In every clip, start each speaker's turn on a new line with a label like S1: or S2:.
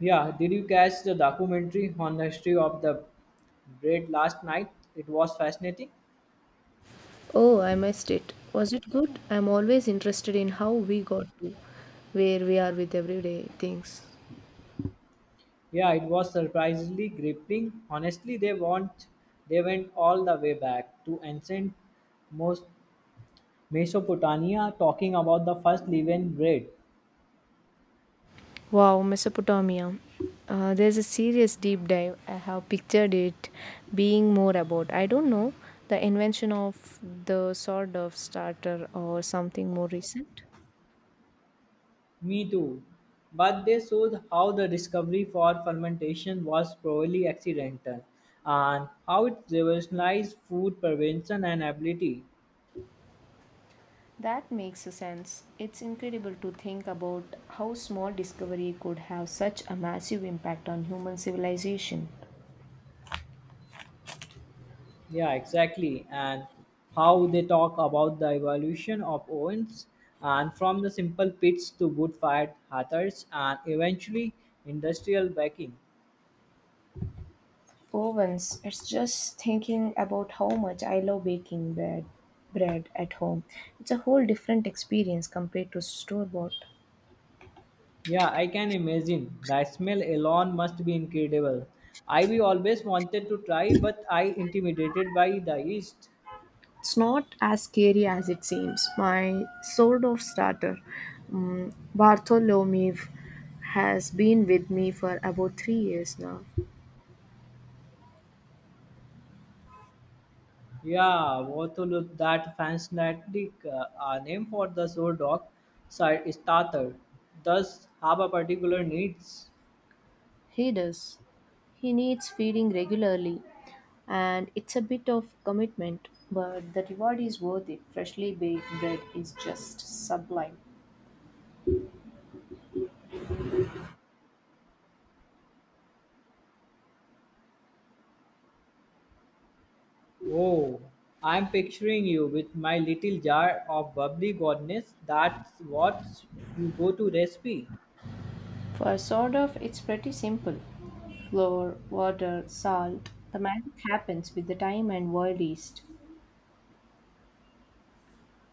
S1: Yeah, did you catch the documentary on the history of the bread last night? It was fascinating.
S2: Oh, I missed it. Was it good? I'm always interested in how we got to where we are with everyday things.
S1: Yeah, it was surprisingly gripping. Honestly, they went all the way back to ancient most Mesopotamia talking about the first leavened bread.
S2: Wow, Mesopotamia. There's a serious deep dive. I have pictured it being more about, I don't know, the invention of the sort of starter or something more recent.
S1: Me too. But they showed how the discovery for fermentation was probably accidental and how it revolutionized food prevention and ability.
S2: That makes sense. It's incredible to think about how small discovery could have such a massive impact on human civilization.
S1: Yeah, exactly. And how they talk about the evolution of ovens and from the simple pits to wood fired hearths and eventually industrial baking.
S2: Ovens. It's just thinking about how much I love baking bread at home. It's a whole different experience compared to store bought.
S1: Yeah, I can imagine. The smell alone must be incredible. I we always wanted to try, but I intimidated by the yeast.
S2: It's not as scary as it seems. My sort of starter, Bartholomew, has been with me for about 3 years now.
S1: Yeah, what to look that fascinating name for the sourdough side starter does have a particular needs.
S2: He does. He needs feeding regularly, and it's a bit of commitment, but the reward is worth it. Freshly baked bread is just sublime.
S1: Oh, I'm picturing you with my little jar of bubbly goodness. That's what you go to recipe.
S2: For sort of, it's pretty simple. Flour, water, salt. The magic happens with the time and wild yeast.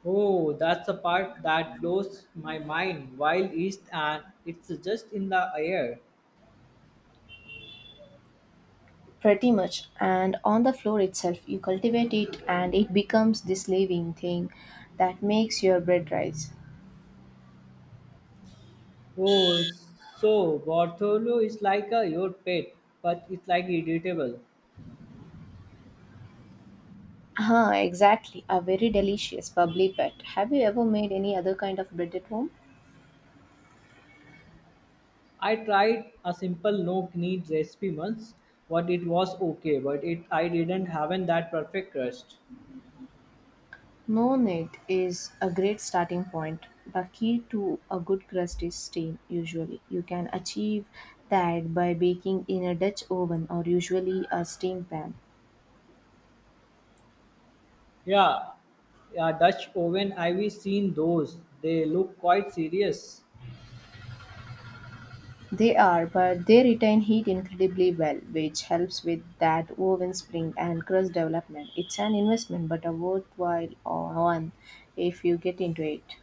S1: Oh, that's the part that blows my mind. Wild East and it's just in the air.
S2: Pretty much. And on the floor itself, you cultivate it and it becomes this living thing that makes your bread rise.
S1: Oh, so Bartholo is like a your pet, but it's like irritable.
S2: Ah, exactly. A very delicious, bubbly bread. Have you ever made any other kind of bread at home?
S1: I tried a simple no knead recipe once, but it was okay, but it I didn't have that perfect crust.
S2: No-net is a great starting point. The key to a good crust is steam, usually. You can achieve that by baking in a Dutch oven or usually a steam pan.
S1: Yeah, yeah, Dutch oven. I've seen those. They look quite serious.
S2: They are, but they retain heat incredibly well, which helps with that oven spring and crust development. It's an investment, but a worthwhile one if you get into it.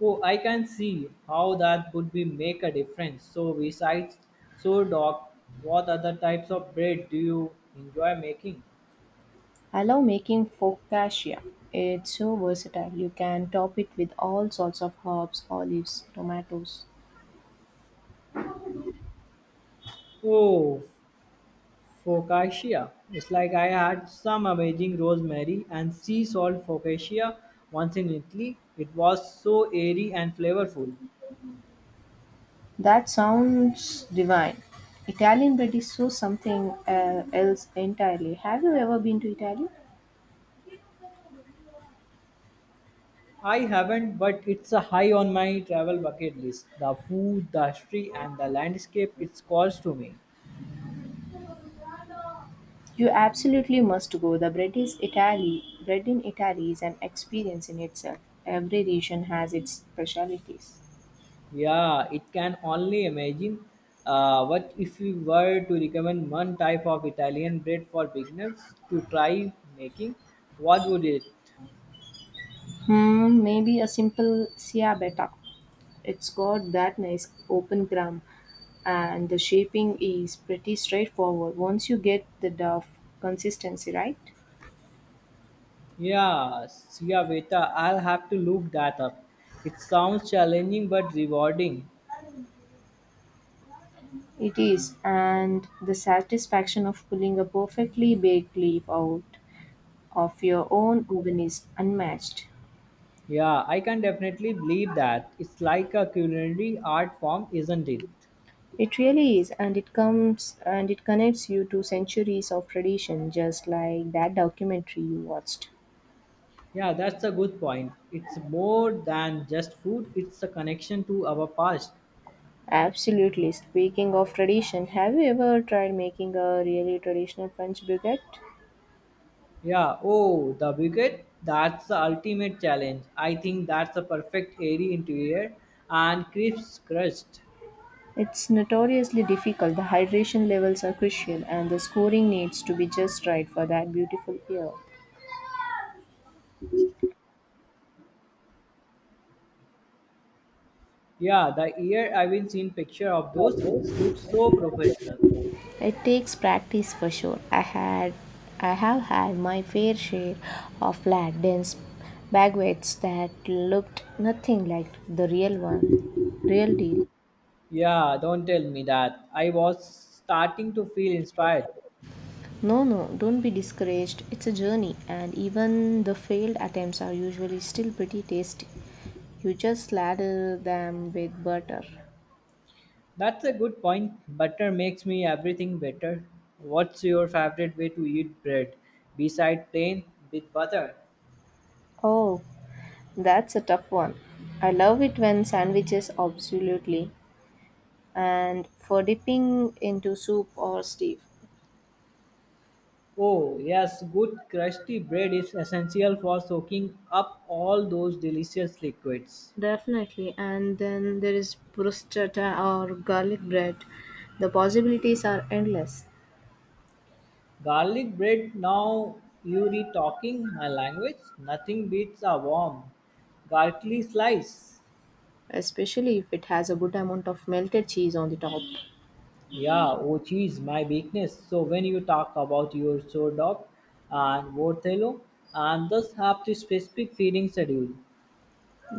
S1: Oh, I can see how that would be make a difference. So besides so doc, what other types of bread do you enjoy making?
S2: I love making focaccia. It's so versatile. You can top it with all sorts of herbs, olives, tomatoes.
S1: Oh, focaccia. It's like I had some amazing rosemary and sea salt focaccia once in Italy. It was so airy and flavorful.
S2: That sounds divine. Italian bread is so something else entirely. Have you ever been to Italy?
S1: I haven't, but it's a high on my travel bucket list. The food, the history, and the landscape it calls to me.
S2: You absolutely must go. The bread is Italy. Bread in Italy is an experience in itself. Every region has its specialities.
S1: Yeah, it can only imagine. What if we were to recommend one type of Italian bread for beginners to try making? What would it?
S2: Hmm, maybe a simple ciabatta. It's got that nice open crumb, and the shaping is pretty straightforward once you get the dough consistency right.
S1: Yeah, Siaveta, I'll have to look that up. It sounds challenging but rewarding.
S2: It is, and the satisfaction of pulling a perfectly baked leaf out of your own oven is unmatched.
S1: Yeah, I can definitely believe that. It's like a culinary art form, isn't it?
S2: It really is, and it comes and it connects you to centuries of tradition, just like that documentary you watched.
S1: Yeah, that's a good point. It's more than just food, it's a connection to our past.
S2: Absolutely. Speaking of tradition, have you ever tried making a really traditional French baguette?
S1: Yeah, oh, the wicket that's the ultimate challenge. I think that's a perfect airy interior and crisp crust.
S2: It's notoriously difficult. The hydration levels are crucial, and the scoring needs to be just right for that beautiful ear.
S1: Yeah, the ear, I've been seen picture of those. It looks so professional.
S2: It takes practice for sure. I have had my fair share of flat dense baguettes that looked nothing like the real one. Real deal.
S1: Yeah, don't tell me that. I was starting to feel inspired.
S2: No, no, don't be discouraged. It's a journey and even the failed attempts are usually still pretty tasty. You just ladle them with butter.
S1: That's a good point. Butter makes me everything better. What's your favorite way to eat bread beside plain with butter?
S2: Oh, that's a tough one. I love it when sandwiches absolutely and for dipping into soup or stew.
S1: Oh, yes, good crusty bread is essential for soaking up all those delicious liquids.
S2: Definitely. And then there is bruschetta or garlic bread. The possibilities are endless,
S1: Garlic bread, now you're talking my language. Nothing beats a warm, garlicky slice.
S2: especially if it has a good amount of melted cheese on the top.
S1: Yeah, oh geez, my weakness. So when you talk about your sore dog and Worthelo and thus have the specific feeding schedule.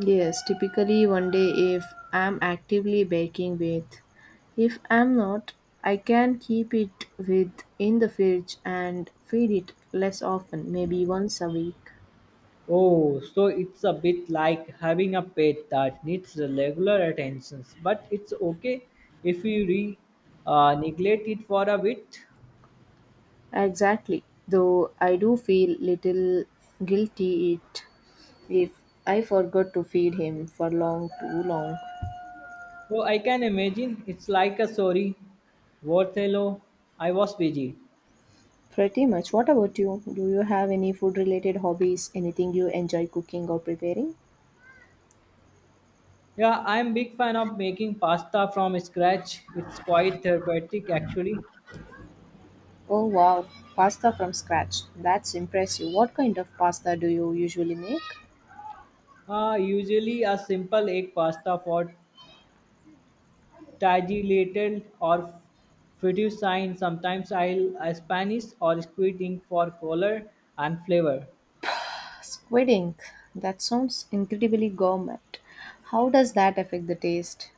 S2: Yes, typically one day if I'm actively baking with. If I'm not, I can keep it with in the fridge and feed it less often, maybe once a week.
S1: Oh, so it's a bit like having a pet that needs regular attentions, but it's okay if you neglect it for a bit.
S2: Exactly. Though I do feel little guilty it if I forgot to feed him for long too long.
S1: So I can imagine it's like a sorry, Worthelo, I was busy.
S2: Pretty much. What about you? Do you have any food related hobbies? Anything you enjoy cooking or preparing?
S1: Yeah, I'm big fan of making pasta from scratch. It's quite therapeutic actually.
S2: Oh wow, pasta from scratch. That's impressive. What kind of pasta do you usually make?
S1: Usually a simple egg pasta for tagliatelle or fettuccine. Sometimes I'll Spanish or squid ink for color and flavor.
S2: Squid ink. That sounds incredibly gourmet. How does that affect the taste?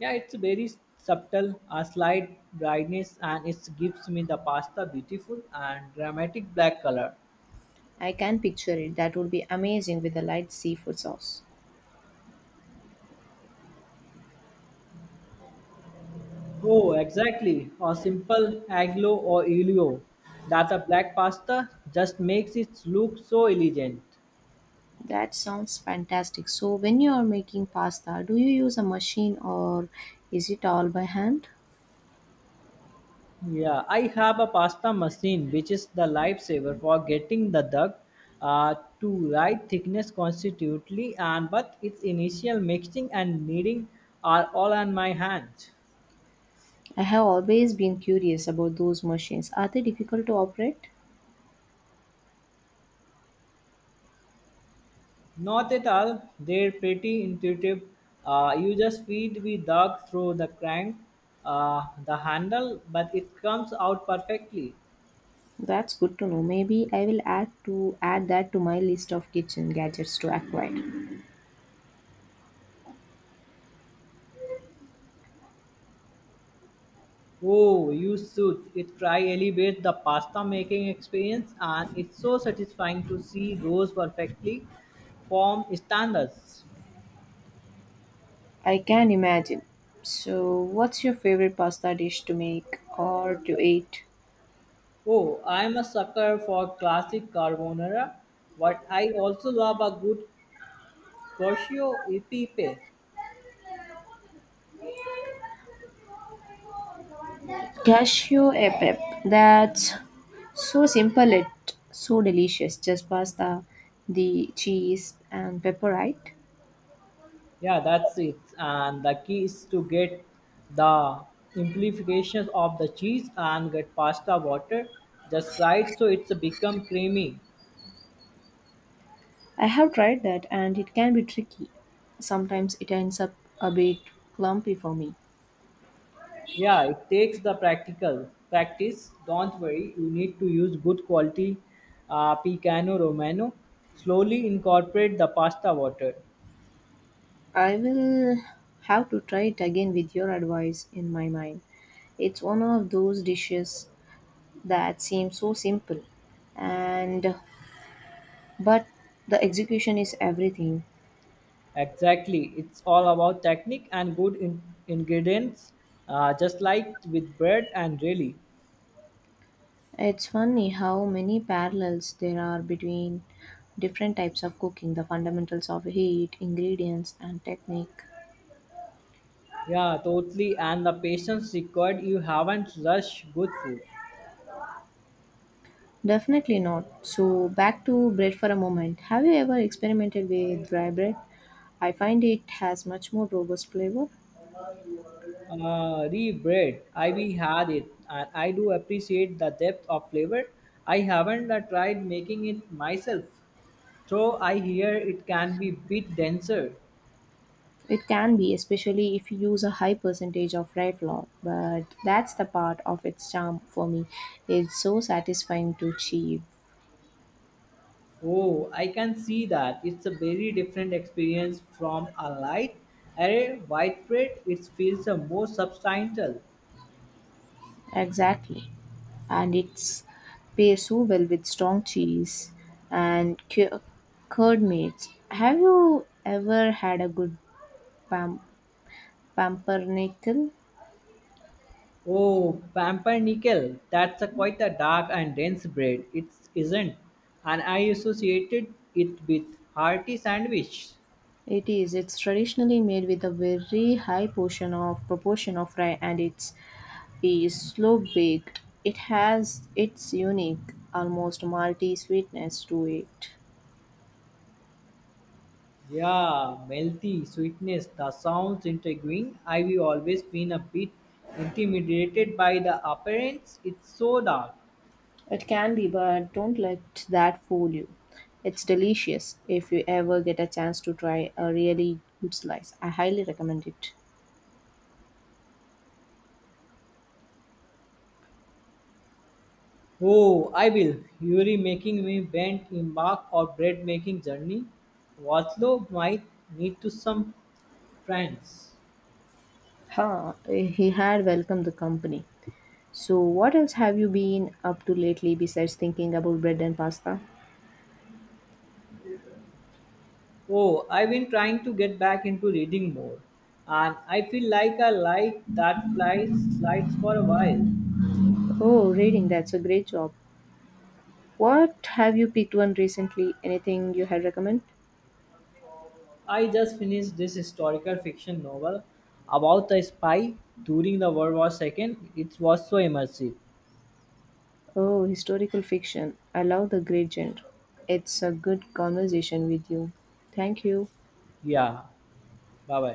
S1: Yeah, it's very subtle, a slight brightness, and it gives me the pasta beautiful and dramatic black color.
S2: I can picture it. That would be amazing with a light seafood sauce.
S1: Oh, exactly. Or simple aglio or olio. That a black pasta just makes it look so elegant.
S2: That sounds fantastic. So, when you are making pasta, do you use a machine or is it all by hand?
S1: Yeah, I have a pasta machine which is the lifesaver for getting the duck to right thickness constitutively and but its initial mixing and kneading are all on my hands.
S2: I have always been curious about those machines. Are they difficult to operate?
S1: Not at all, they're pretty intuitive. You just feed the duck through the crank, the handle, but it comes out perfectly.
S2: That's good to know. Maybe I will add that to my list of kitchen gadgets to acquire.
S1: Oh, you should. It try elevates the pasta making experience and it's so satisfying to see those perfectly formed standards.
S2: I can imagine. So, what's your favorite pasta dish to make or to eat?
S1: Oh, I'm a sucker for classic carbonara, but I also love a good cacio e pepe.
S2: Cashew a pep. That's so simple it so delicious. Just pasta, the cheese and pepper, right?
S1: Yeah, that's it. And the key is to get the amplifications of the cheese and get pasta water just right so it's become creamy.
S2: I have tried that and it can be tricky. Sometimes it ends up a bit clumpy for me.
S1: Yeah, it takes the practical practice. Don't worry, you need to use good quality Picano Romano. Slowly incorporate the pasta water.
S2: I will have to try it again with your advice in my mind. It's one of those dishes that seem so simple and but the execution is everything.
S1: Exactly, it's all about technique and good ingredients, just like with bread and really.
S2: It's funny how many parallels there are between different types of cooking, the fundamentals of heat, ingredients, and technique.
S1: Yeah, totally. And the patience required, you haven't rushed good food.
S2: Definitely not. So, back to bread for a moment. Have you ever experimented with dry bread? I find it has much more robust flavor.
S1: Re-bread, I we had it, and I do appreciate the depth of flavor. I haven't tried making it myself. So I hear it can be bit denser.
S2: It can be, especially if you use a high percentage of rye flour, but that's the part of its charm for me. It's so satisfying to achieve.
S1: Oh, I can see that. It's a very different experience from a light array widespread. It feels a more substantial.
S2: Exactly. And it's pairs so well with strong cheese and curd meats. Have you ever had a good pam- pumpernickel?
S1: Oh, pumpernickel. That's a quite a dark and dense bread. It isn't, and I associated it with hearty sandwich.
S2: It is. It's traditionally made with a very high portion of proportion of rye, and it's is slow baked. It has its unique, almost malty sweetness to it.
S1: Yeah, melty sweetness. The sounds intriguing. I've always been a bit intimidated by the appearance. It's so dark.
S2: It can be, but don't let that fool you. It's delicious if you ever get a chance to try a really good slice. I highly recommend it.
S1: Oh, I will. Yuri making me bent embark or bread making journey. Watlo might need to some friends.
S2: Huh, he had welcomed the company. So, what else have you been up to lately besides thinking about bread and pasta?
S1: Oh, I've been trying to get back into reading more, and I feel like a light that flies slides for a while.
S2: Oh, reading, that's a great job. What have you picked one recently? Anything you had recommend?
S1: I just finished this historical fiction novel about a spy during the World War II. It was so immersive.
S2: Oh, historical fiction. I love the great genre. It's a good conversation with you. Thank you.
S1: Yeah. Bye bye.